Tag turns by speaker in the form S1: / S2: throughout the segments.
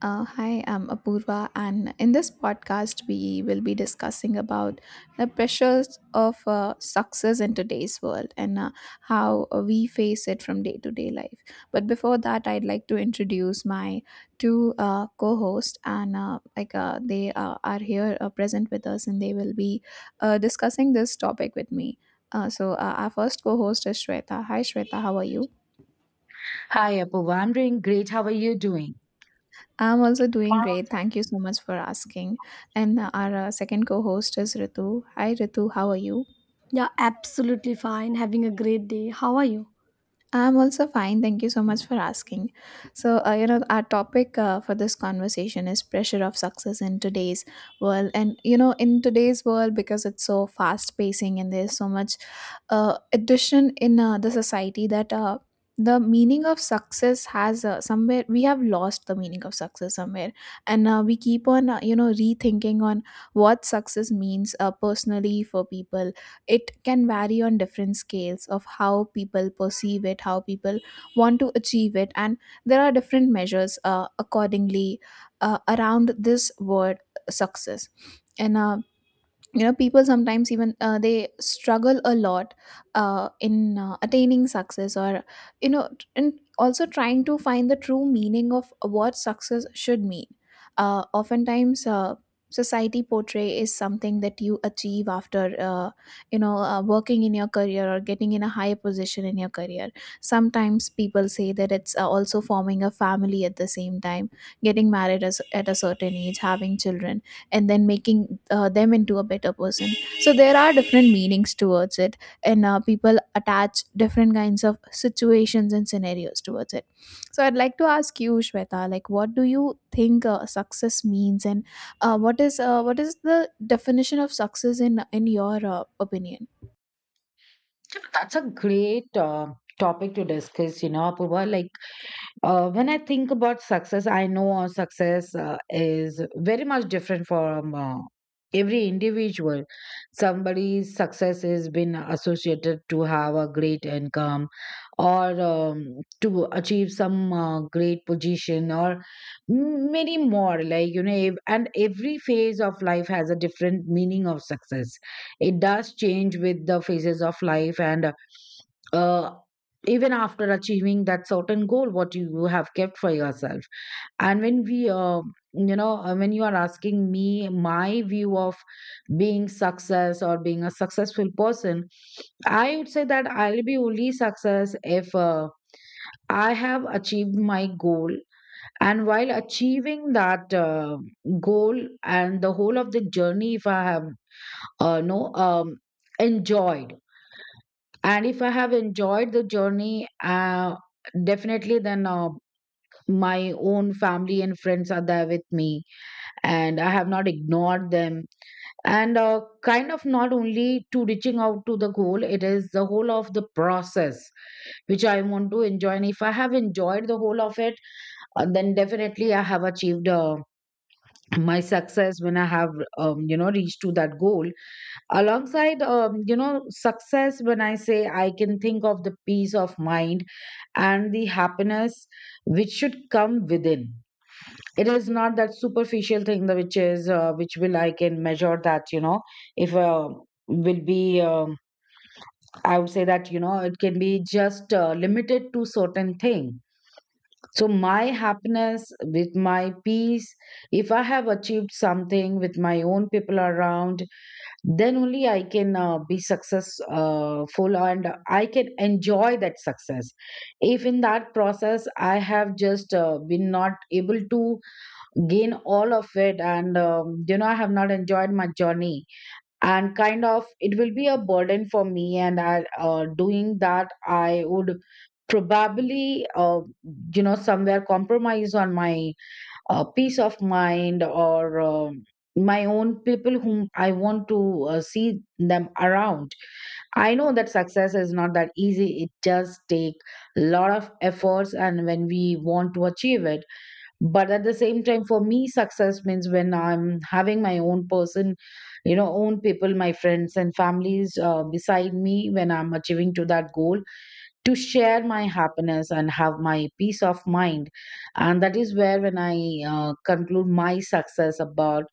S1: Hi, I'm Apurva, and in this podcast, we will be discussing about the pressures of success in today's world, and how we face it from day to day life. But before that, I'd like to introduce my two co-hosts, and like they are here present with us, and they will be discussing this topic with me. So, our first co-host is Shweta. Hi, Shweta, how are you?
S2: Hi, Apu. I'm doing great. How are you doing?
S1: I'm also doing great. Thank you so much for asking. And our second co host is Ritu. Hi, Ritu. How are you?
S3: Yeah, absolutely fine. Having a great day. How are you?
S1: I'm also fine. Thank you so much for asking. So, our topic for this conversation is pressure of success in today's world. And, in today's world, because it's so fast pacing and there's so much addition in the society, that the meaning of success has somewhere we have lost the meaning of success somewhere, and we keep on rethinking on what success means personally. For people, it can vary on different scales of how people perceive it, how people want to achieve it, and there are different measures accordingly around this word success. And people sometimes even they struggle a lot in attaining success, or and also trying to find the true meaning of what success should mean. Oftentimes, society portray is something that you achieve after working in your career, or getting in a higher position in your career. Sometimes people say that it's also forming a family, at the same time getting married, as at a certain age having children, and then making them into a better person. So there are different meanings towards it, and people attach different kinds of situations and scenarios towards it. So I'd like to ask you, Shweta, like, what do you think success means, and what is the definition of success in your opinion?
S2: That's a great topic to discuss, you know, Apu. When I think about success, I know success is very much different from every individual. Somebody's success has been associated to have a great income or to achieve some great position or many more. Like, you know, and every phase of life has a different meaning of success. It does change with the phases of life and uh, even after achieving that certain goal what you have kept for yourself, and when you are asking me my view of being success or being a successful person, I would say that I'll be only success if I have achieved my goal, and while achieving that goal and the whole of the journey, if I have uh, no um, enjoyed, and if I have enjoyed the journey, uh, definitely then my own family and friends are there with me and I have not ignored them, and kind of not only to reaching out to the goal, it is the whole of the process which I want to enjoy. And if I have enjoyed the whole of it, then definitely I have achieved my success when I have you know reached to that goal. Alongside you know success, when I say, I can think of the peace of mind and the happiness which should come within. It is not that superficial thing that which is which will I can measure, that you know, if will be I would say that you know it can be just limited to certain thing. So my happiness with my peace, if I have achieved something with my own people around, then only I can be successful, and I can enjoy that success. If in that process I have just been not able to gain all of it, and you know I have not enjoyed my journey, and kind of it will be a burden for me, and I doing that, I would probably you know somewhere compromise on my peace of mind or my own people whom I want to see them around. I know that success is not that easy, it does take a lot of efforts and when we want to achieve it. But at the same time, for me, success means when I'm having my own person, you know, own people, my friends and families beside me when I'm achieving to that goal, to share my happiness and have my peace of mind. And that is where when I conclude my success about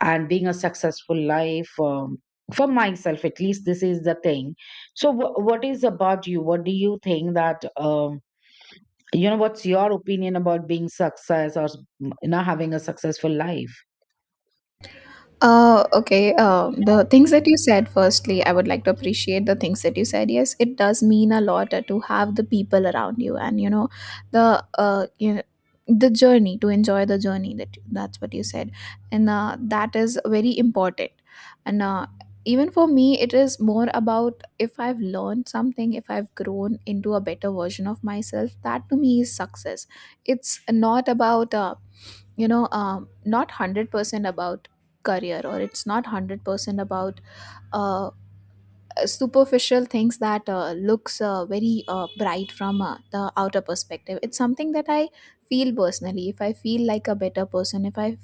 S2: and being a successful life, for myself, at least this is the thing. So what is about you? What do you think that you know, what's your opinion about being success or you know having a successful life?
S1: Okay. The things that you said, firstly, I would like to appreciate the things that you said. Yes, it does mean a lot to have the people around you, and the uh, you know, the journey to enjoy the journey. That's what you said, and that is very important. And even for me, it is more about if I've learned something, if I've grown into a better version of myself. That to me is success. It's not about not 100% about career, or it's not 100% about uh, superficial things that looks very bright from the outer perspective. It's something that I feel personally, if I feel like a better person,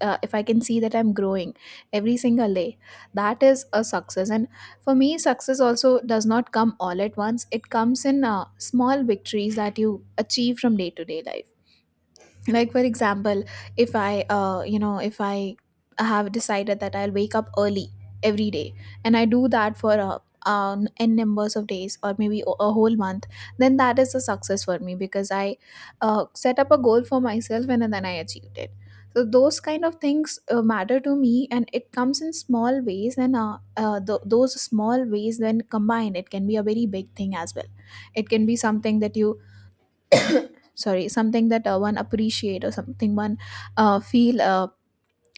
S1: if I can see that I'm growing every single day. That is a success. And for me, success also does not come all at once. It comes in small victories that you achieve from day to day life. Like, for example, if I you know if I have decided that I'll wake up early every day, and I do that for n numbers of days, or maybe a whole month, then that is a success for me, because I set up a goal for myself, and then I achieved it. So those kind of things matter to me, and it comes in small ways. And those small ways, when combined, it can be a very big thing as well. It can be something that one appreciate, or something one feel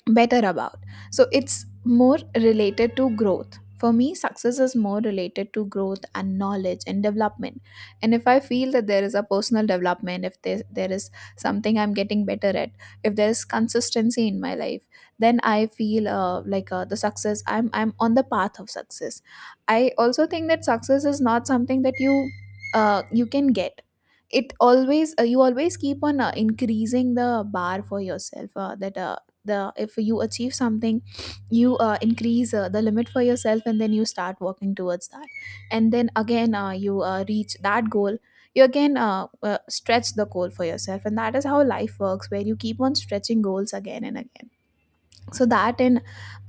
S1: better about. So it's more related to growth. For me, success is more related to growth, and knowledge, and development. And if I feel that there is a personal development, if there is something I'm getting better at, if there's consistency in my life, then I feel like the success, I'm on the path of success. I also think that success is not something that you can get. You always keep on increasing the bar for yourself, that the if you achieve something, you increase the limit for yourself, and then you start working towards that. And then again, you reach that goal, you again stretch the goal for yourself, and that is how life works, where you keep on stretching goals again and again. So that in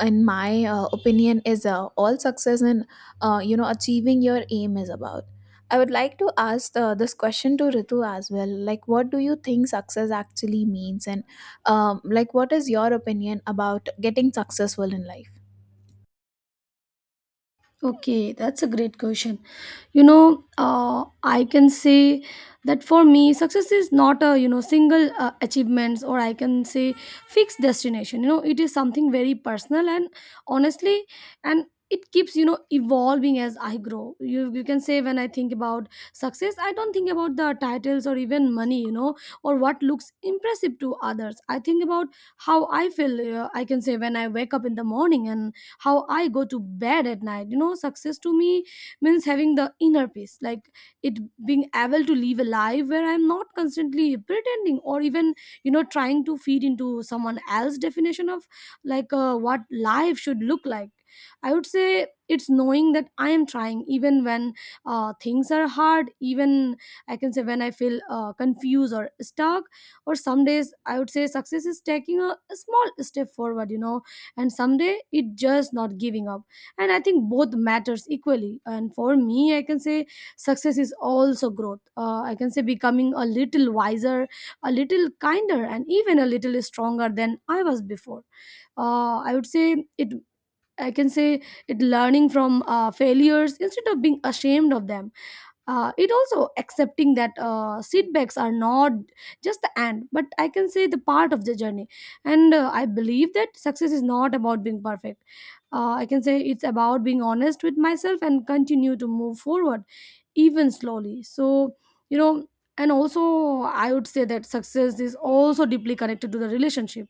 S1: in my opinion is all success in achieving your aim is about. I would like to ask this question to Ritu as well. Like, what do you think success actually means, and like, what is your opinion about getting successful in life?
S3: Okay, that's a great question. You know, I can say that for me, success is not a you know single achievements, or I can say fixed destination. You know, it is something very personal and honestly, and it keeps you know evolving as I grow. You can say when I think about success, I don't think about the titles or even money, you know, or what looks impressive to others. I think about how I feel. I can say when I wake up in the morning and how I go to bed at night. You know, success to me means having the inner peace, like it being able to live a life where I'm not constantly pretending or even, you know, trying to feed into someone else's definition of like what life should look like. I would say it's knowing that I am trying even when things are hard, even I can say when I feel confused or stuck, or some days I would say success is taking a small step forward, you know, and someday it just not giving up. And I think both matters equally, and for me I can say success is also growth. Uh, I can say becoming a little wiser, a little kinder, and even a little stronger than I was before. Uh, I would say it, I can say it, learning from failures instead of being ashamed of them. Uh, it also accepting that setbacks are not just the end, but I can say the part of the journey. And I believe that success is not about being perfect. Uh, I can say it's about being honest with myself and continue to move forward, even slowly. So you know, and also I would say that success is also deeply connected to the relationship.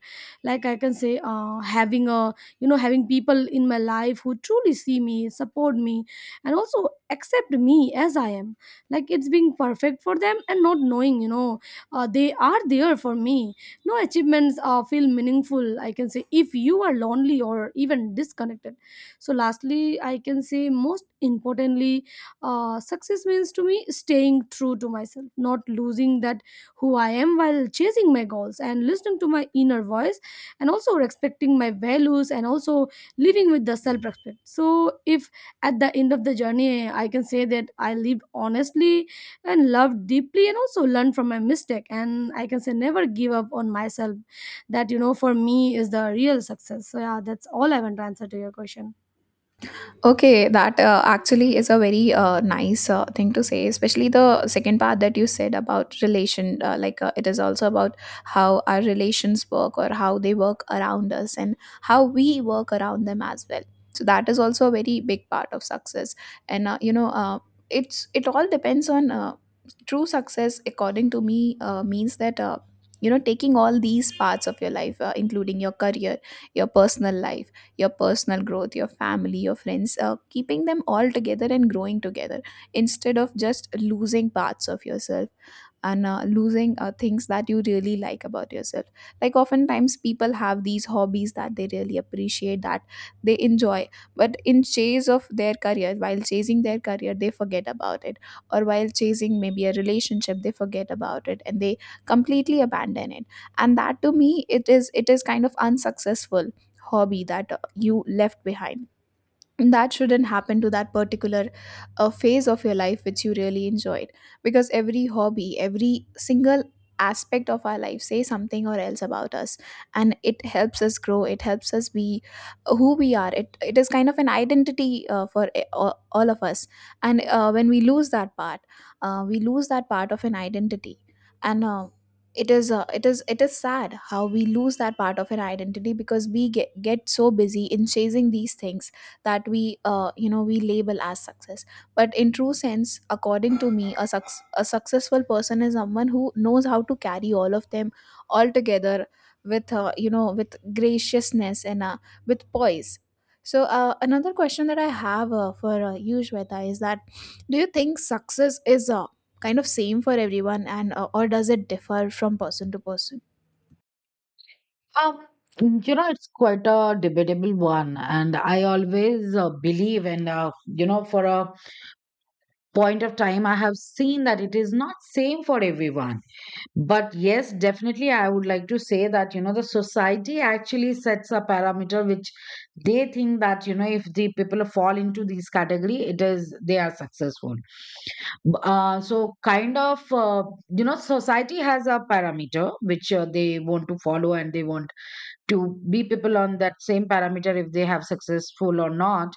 S3: Like I can say having a, you know, having people in my life who truly see me, support me, and also accept me as I am. Like it's being perfect for them and not knowing, you know, they are there for me. No achievements feel meaningful, I can say, if you are lonely or even disconnected. So lastly, I can say, most importantly, success means to me staying true to myself, not losing that who I am while chasing my goals, and listening to my inner voice, and also respecting my values, and also living with the self respect. So if at the end of the journey I can say that I lived honestly and loved deeply and also learned from my mistake, and I can say never give up on myself, that you know for me is the real success. So yeah, that's all I want to answer to your question.
S1: Okay, that actually is a very nice thing to say, especially the second part that you said about relation. Like, it is also about how our relations work, or how they work around us, and how we work around them as well. So, that is also a very big part of success. And, it all depends on true success, according to me, means that. Taking all these parts of your life, including your career, your personal life, your personal growth, your family, your friends, keeping them all together and growing together, instead of just losing parts of yourself, and losing things that you really like about yourself. Like, oftentimes, people have these hobbies that they really appreciate, that they enjoy, but in chase of their career, while chasing their career, they forget about it, or while chasing maybe a relationship, they forget about it and they completely abandon it. And that, to me, it is kind of unsuccessful hobby that you left behind. That shouldn't happen to that particular phase of your life which you really enjoyed, because every hobby, every single aspect of our life say something or else about us, and it helps us grow, it helps us be who we are. It is kind of an identity for all of us. And when we lose that part, we lose that part of an identity. And it is sad how we lose that part of an identity, because we get so busy in chasing these things that we you know we label as success. But in true sense, according to me, a successful person is someone who knows how to carry all of them all together, with with graciousness, and with poise. So, another question that I have for you, Shweta, is that, do you think success is kind of same for everyone, and or does it differ from person to person?
S2: Um, you know, it's quite a debatable one, and I always believe, and you know, for a point of time, I have seen that it is not same for everyone. But yes, definitely, I would like to say that, you know, the society actually sets a parameter which they think that, you know, if the people fall into this category, it is they are successful. So kind of, you know, society has a parameter which they want to follow, and they want to be people on that same parameter if they have successful or not.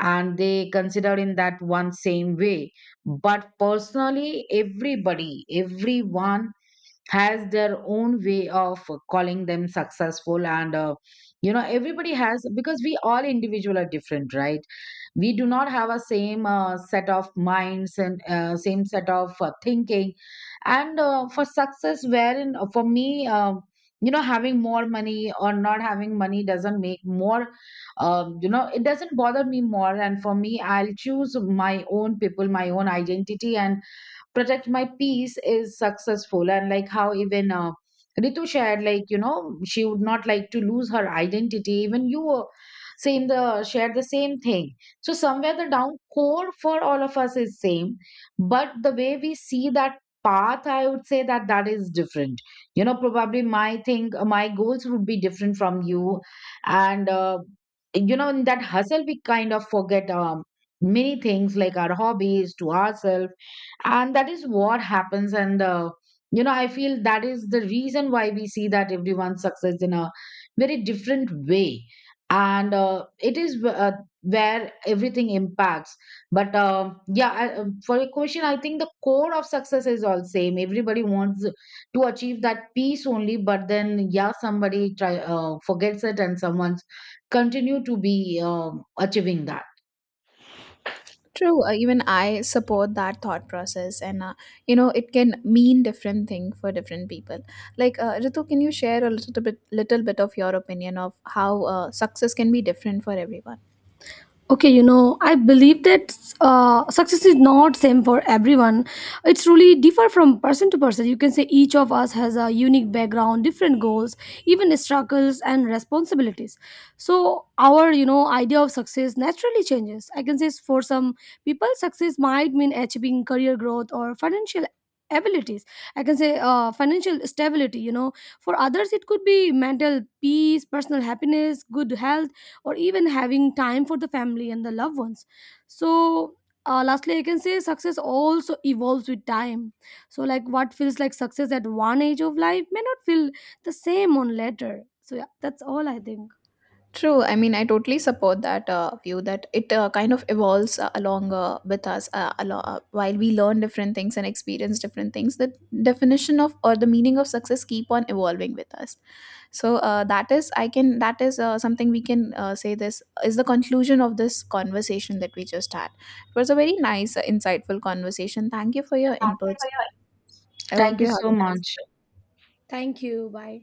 S2: And they consider in that one same way. But personally, everybody, everyone, has their own way of calling them successful. And you know, everybody has, because we all individual are different, right? We do not have a same set of minds and same set of thinking. And for success, wherein for me, you know, having more money or not having money doesn't make more, you know, it doesn't bother me more. And for me, I'll choose my own people, my own identity, and protect my peace is successful. And like how even Ritu shared, like, you know, she would not like to lose her identity, even you were same, the shared the same thing. So somewhere the down core for all of us is same, but the way we see that path, I would say that that is different. You know, probably my thing, my goals would be different from you. And you know, in that hustle, we kind of forget many things like our hobbies to ourselves, and that is what happens. And you know, I feel that is the reason why we see that everyone success in a very different way. And it is where everything impacts. But yeah, for your question, I think the core of success is all same, everybody wants to achieve that peace only. But then yeah, somebody try forgets it, and someone's continue to be achieving that.
S1: True. Even I support that thought process, and it can mean different thing for different people. Like, Ritu, can you share a little bit of your opinion of how success can be different for everyone?
S3: Okay, you know, I believe that success is not same for everyone. It's really differ from person to person. You can say each of us has a unique background, different goals, even struggles and responsibilities. So our, you know, idea of success naturally changes. I can say for some people success might mean achieving career growth or financial abilities, I can say financial stability. You know, for others it could be mental peace, personal happiness, good health, or even having time for the family and the loved ones. So lastly, I can say success also evolves with time. So like what feels like success at one age of life may not feel the same on later. So yeah, that's all I think.
S1: True, I mean, I totally support that view that it kind of evolves along with us, while we learn different things and experience different things. The definition of, or the meaning of success, keep on evolving with us. So that is, something we can say this is the conclusion of this conversation that we just had. It was a very nice insightful conversation. Thank you for your inputs. I hope
S2: Thank
S1: you
S2: you
S1: have a
S2: so
S1: nice
S2: much.
S1: day.
S3: Thank you, bye.